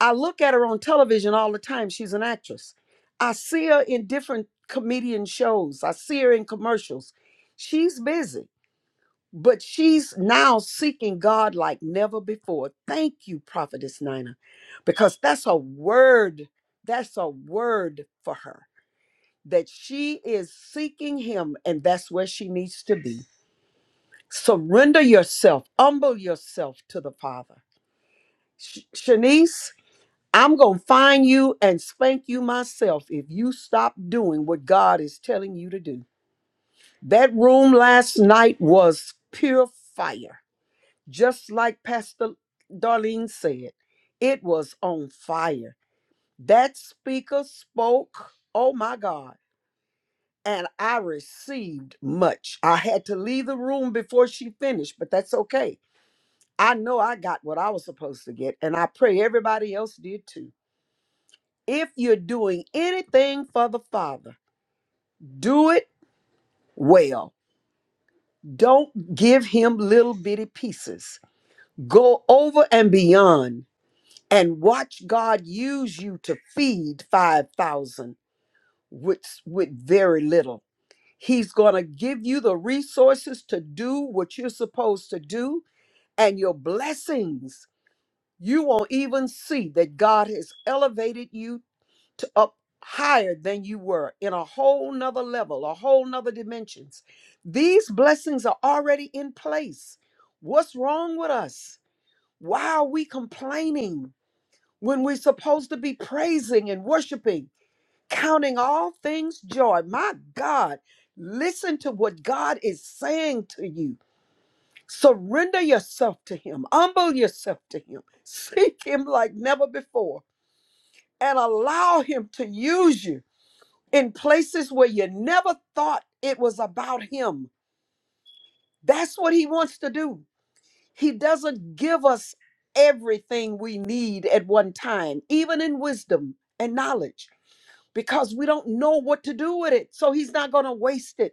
I look at her on television all the time. She's an actress. I see her in different comedian shows, I see her in commercials. She's busy, but she's now seeking God like never before. Thank you, Prophetess Nina, because that's a word. That's a word for her that she is seeking him and that's where she needs to be. Surrender yourself, humble yourself to the Father. Sh- Shanice, I'm going to find you and spank you myself if you stop doing what God is telling you to do. That room last night was pure fire. Just like Pastor Darlene said, it was on fire. That speaker spoke, oh my God and I received much. I had to leave the room before she finished, but that's okay. I know I got what I was supposed to get, and I pray everybody else did too. If you're doing anything for the Father, do it well. Don't give him little bitty pieces. Go over and beyond and watch God use you to feed 5,000 with, with very little He's going to give you the resources to do what you're supposed to do and your blessings. You won't even see that God has elevated you to up higher than you were in a whole nother level, a whole nother dimensions. These blessings are already in place. What's wrong with us? Why are we complaining when we're supposed to be praising and worshiping? counting all things joy. My God, listen to what God is saying to you. Surrender yourself to Him, humble yourself to Him, seek Him like never before, and allow Him to use you in places where you never thought it was about Him. That's what He wants to do. He doesn't give us everything we need at one time, even in wisdom and knowledge, because we don't know what to do with it. So He's not going to waste it.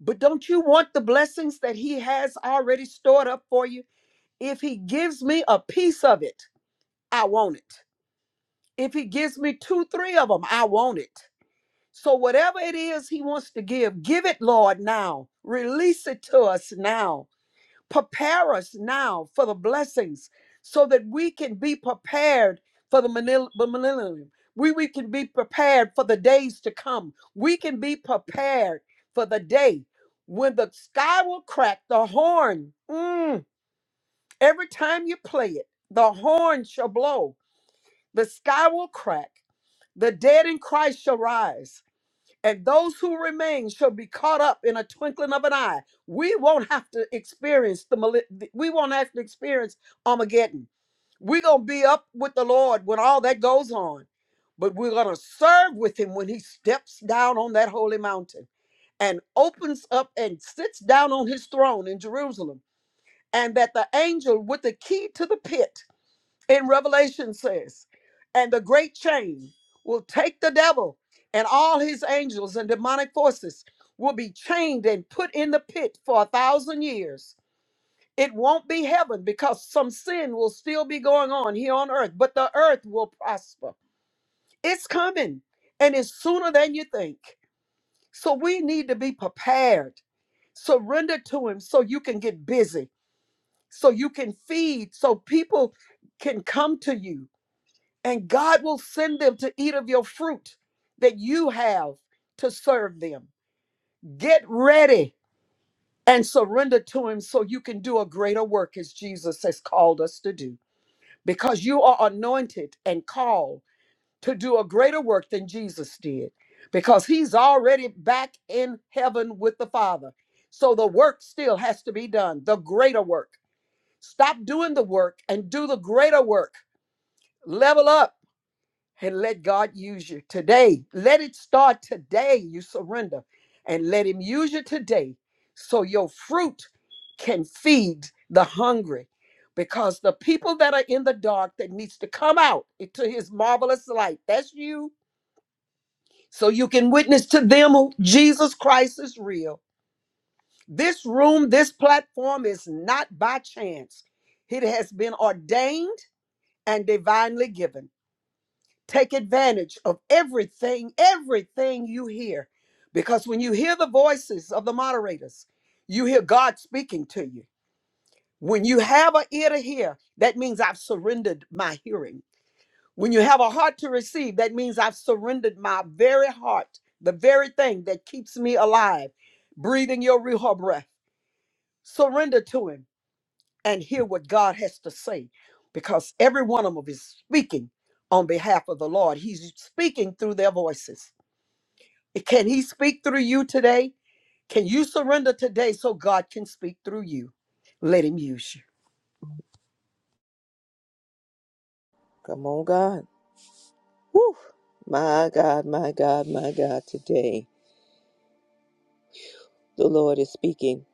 But don't you want the blessings that he has already stored up for you? If he gives me a piece of it, I want it. If he gives me two, three of them, I want it. So, whatever it is he wants to give, give it, Lord, now. Release it to us now prepare us now for the blessings so that we can be prepared for the millenn- the millennium. We, we can be prepared for the days to come. We can be prepared for the day when the sky will crack, the horn, mm, every time you play it, the horn shall blow, the sky will crack, the dead in Christ shall rise and those who remain shall be caught up in a twinkling of an eye. We won't have to experience the mali- we won't have to experience Armageddon. We're gonna be up with the Lord when all that goes on, but we're gonna serve with Him when He steps down on that holy mountain and opens up and sits down on His throne in Jerusalem, and that the angel with the key to the pit in Revelation says, and the great chain will take the devil and all his angels and demonic forces will be chained and put in the pit for a thousand years. It won't be heaven because some sin will still be going on here on earth, but the earth will prosper. It's coming and it's sooner than you think. So we need to be prepared. Surrender to him so you can get busy, so you can feed, so people can come to you and God will send them to eat of your fruit that you have to serve them. Get ready and surrender to Him so you can do a greater work as Jesus has called us to do, because you are anointed and called to do a greater work than Jesus did, because He's already back in heaven with the Father. So the work still has to be done, the greater work. Stop doing the work and do the greater work. Level up and let God use you today. Let it start today. You surrender and let Him use you today so your fruit can feed the hungry. Because the people that are in the dark that needs to come out into his marvelous light, that's you. So you can witness to them who Jesus Christ is real. This room, this platform is not by chance. It has been ordained and divinely given. Take advantage of everything, everything you hear. Because when you hear the voices of the moderators, you hear God speaking to you. When you have an ear to hear, that means I've surrendered my hearing. When you have a heart to receive, that means I've surrendered my very heart, the very thing that keeps me alive, breathing your Ruha breath. Surrender to Him and hear what God has to say because every one of them is speaking on behalf of the Lord. He's speaking through their voices. Can He speak through you today? Can you surrender today so God can speak through you? Let Him use you.
Come on, God. Woo! My God, my God, my God, today the Lord is speaking.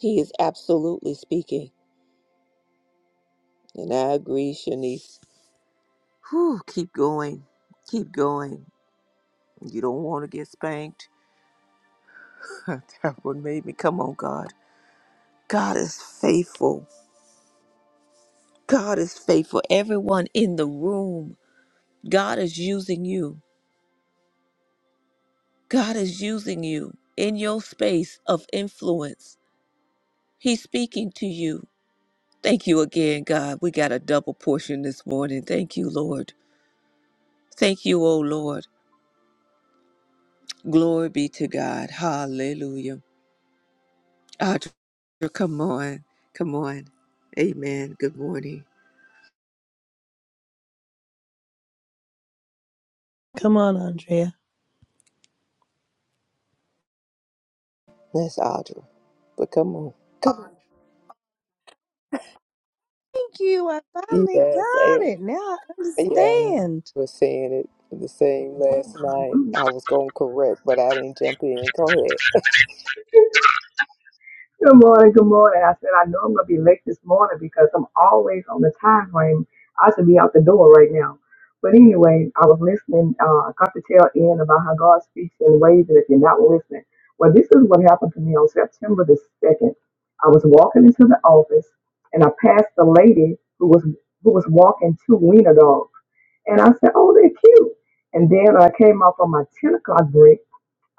He is absolutely speaking. And I agree, Shanice. Whew, keep going. Keep going. You don't want to get spanked that one made me come on, God. God is faithful. God is faithful. Everyone in the room, God is using you. God is using you in your space of influence. He's speaking to you. Thank you again, God. We got a double portion this morning. Thank you, Lord. Thank you, oh Lord. Glory be to God. Hallelujah. Audra, come on. Come on. Amen. Good morning.
Come on, Andrea.
That's Audra. But come on. Come on.
Thank you. I finally
Yes, I,
got it. Now I
yeah, I
understand.
was saying it the same last
Good
night.
morning.
I was going to correct, but I didn't jump in. Go ahead.
Good morning. Good morning. I said I know I'm gonna be late this morning because I'm always on the time frame. I should be out the door right now. But anyway, I was listening. Uh, I got the tail end about how God speaks in ways that if you're not listening. Well, this is what happened to me on September the second. I was walking into the office and I passed the lady who was who was walking two wiener dogs, and I said, "Oh, they're cute." And then when I came off on my ten o'clock break.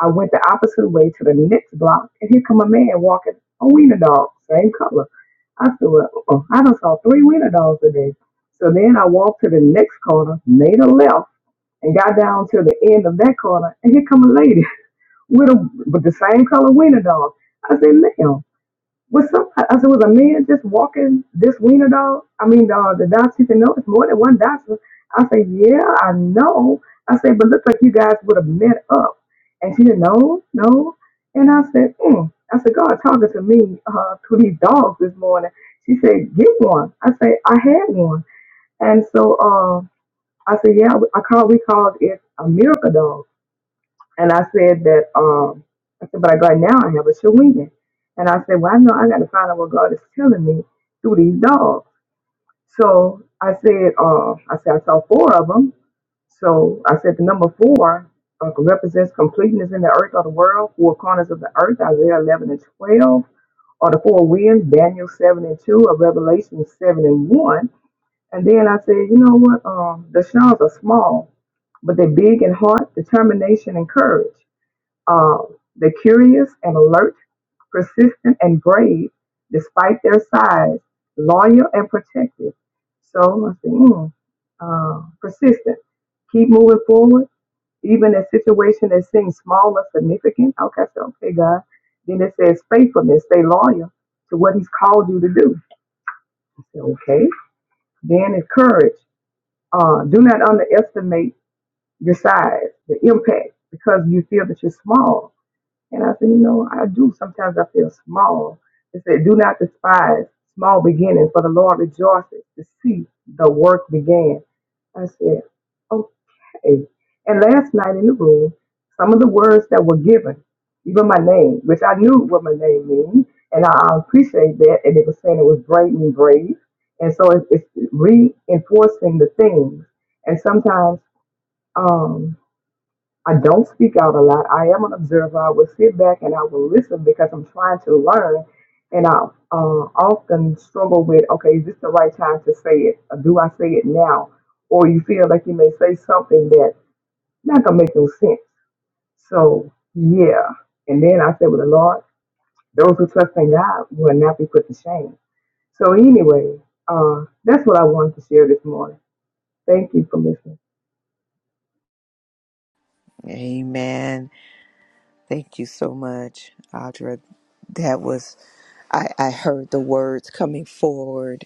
I went the opposite way to the next block, and here come a man walking a wiener dog, same color. I said, well, uh-uh. I done saw three wiener dogs today. So then I walked to the next corner, made a left, and got down to the end of that corner, and here come a lady with a with the same color wiener dog. I said, ma'am. Was somebody? I said, was a man just walking this wiener dog? I mean, uh, the doctor She said, no, it's more than one doctor. I said, yeah, I know. I said, but looks like you guys would have met up. And she said, no, no. And I said, mm. I said, God talking to me uh, to these dogs this morning. She said, get one. I said, I had one. And so uh, I said, yeah, I called. We called it a miracle dog. And I said that, um, I said, but I got now I have a shawinigan. And I said, well, I know I got to find out what God is telling me through these dogs. So I said, uh, I said, I saw four of them. So I said, the number four uh, represents completeness in the earth or the world, four corners of the earth, Isaiah 11 and 12, or the four winds, Daniel 7 and 2, or Revelation 7 and 1. And then I said, you know what? Um, the shells are small, but they're big in heart, determination, and courage. Um, the curious and alert, persistent and brave, despite their size, loyal and protective. So I said, mm, uh, persistent. Keep moving forward, even a situation that seems small or significant. Okay, so okay, God. Then it says faithfulness, stay loyal to what He's called you to do. I said, okay. Then it's courage. Uh, do not underestimate your size, the impact, because you feel that you're small And I said, you know, I do sometimes I feel small. It said, do not despise small beginnings, for the Lord rejoices to see the work began. I said, okay. And last night in the room, some of the words that were given, even my name, which I knew what my name means, and I I appreciate that. And they were saying it was brave and brave. And so it, it's reinforcing the things. And sometimes, um. I don't speak out a lot. I am an observer. I will sit back and I will listen because I'm trying to learn. And I uh, often struggle with, okay, is this the right time to say it? Or do I say it now? Or you feel like you may say something that not gonna make no sense. So yeah. And then I said with the Lord, those who trust in God will not be put to shame. So anyway, uh, that's what I wanted to share this morning. Thank you for listening.
Amen. Thank you so much, Audra. That was, I, I heard the words coming forward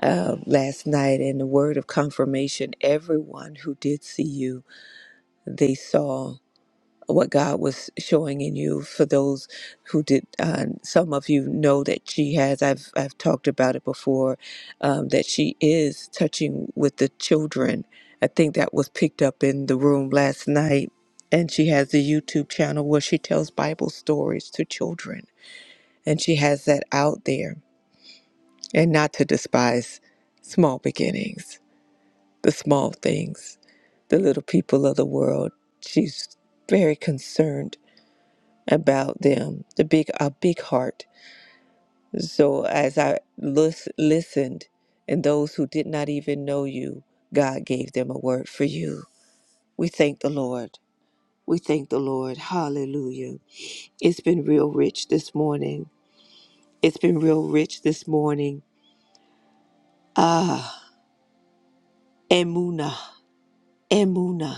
uh, last night and the word of confirmation. Everyone who did see you, they saw. what God was showing in you for those who did. Uh, some of you know that she has. I've I've talked about it before. Um, that she is touching with the children. I think that was picked up in the room last night. And she has a YouTube channel where she tells Bible stories to children, and she has that out there. And not to despise small beginnings, the small things, the little people of the world. She's very concerned about them, the big a big heart. So as I lis- listened, and those who did not even know you, God gave them a word for you. We thank the Lord. We thank the Lord. Hallelujah. It's been real rich this morning. It's been real rich this morning. Ah, Emuna, Emuna.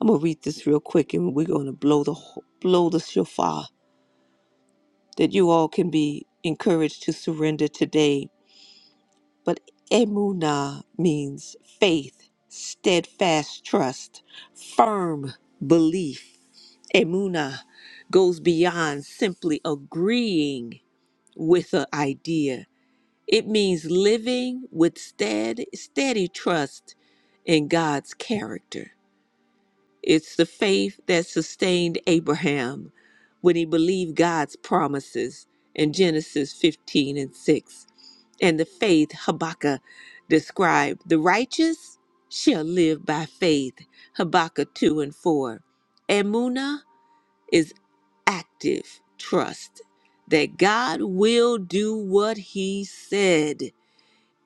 I'm gonna read this real quick, and we're gonna blow the blow the shofar that you all can be encouraged to surrender today But emunah means faith, steadfast trust, firm belief. Emunah goes beyond simply agreeing with an idea. It means living with stead, steady trust in God's character. It's the faith that sustained Abraham when he believed God's promises in Genesis 15 and 6. And the faith Habakkuk described the righteous shall live by faith, Habakkuk 2 and 4. Emuna is active trust that God will do what he said,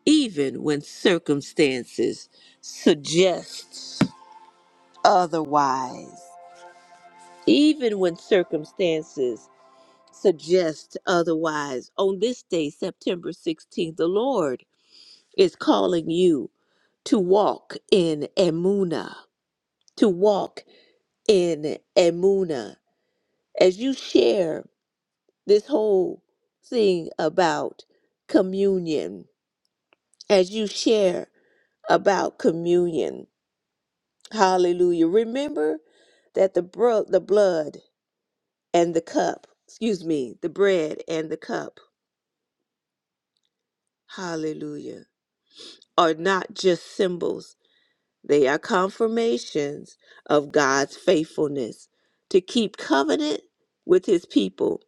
even when circumstances suggest otherwise even when circumstances suggest otherwise. On this day, September 16th, the Lord is calling you to walk in Emuna, to walk in Emuna. As you share this whole thing about communion, as you share about communion, hallelujah. Remember that the, bro- the blood and the cup, excuse me, the bread and the cup hallelujah, are not just symbols, they are confirmations of God's faithfulness to keep covenant with his people.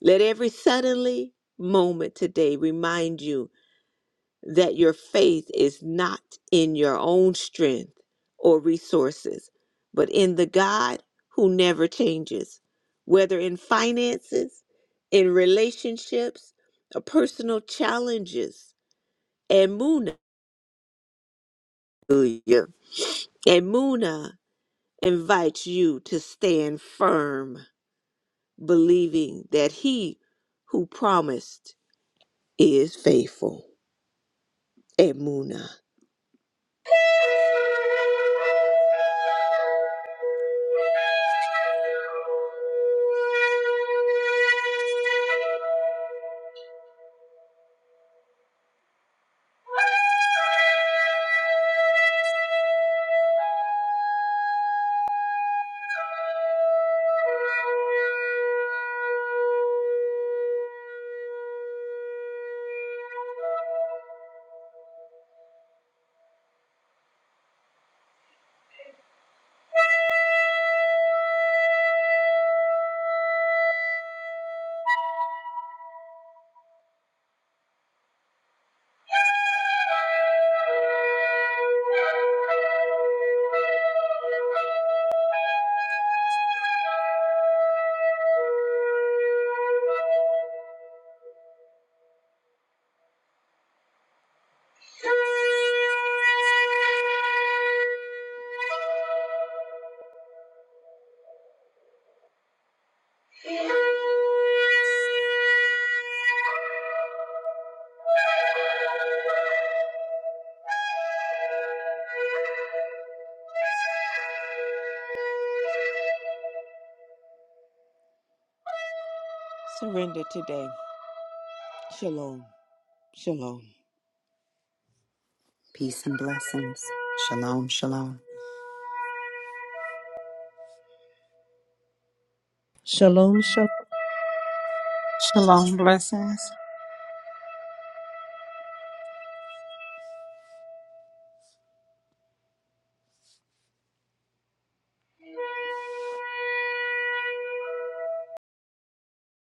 Let every suddenly moment today remind you that your faith is not in your own strength or resources, but in the God who never changes, whether in finances, in relationships, or personal challenges. And Hallelujah. And Muna invites you to stand firm, believing that he who promised is faithful. And Muna. Surrender today. Shalom. Shalom.
Peace and blessings. Shalom, shalom.
Shalom, shalom.
Shalom blessings.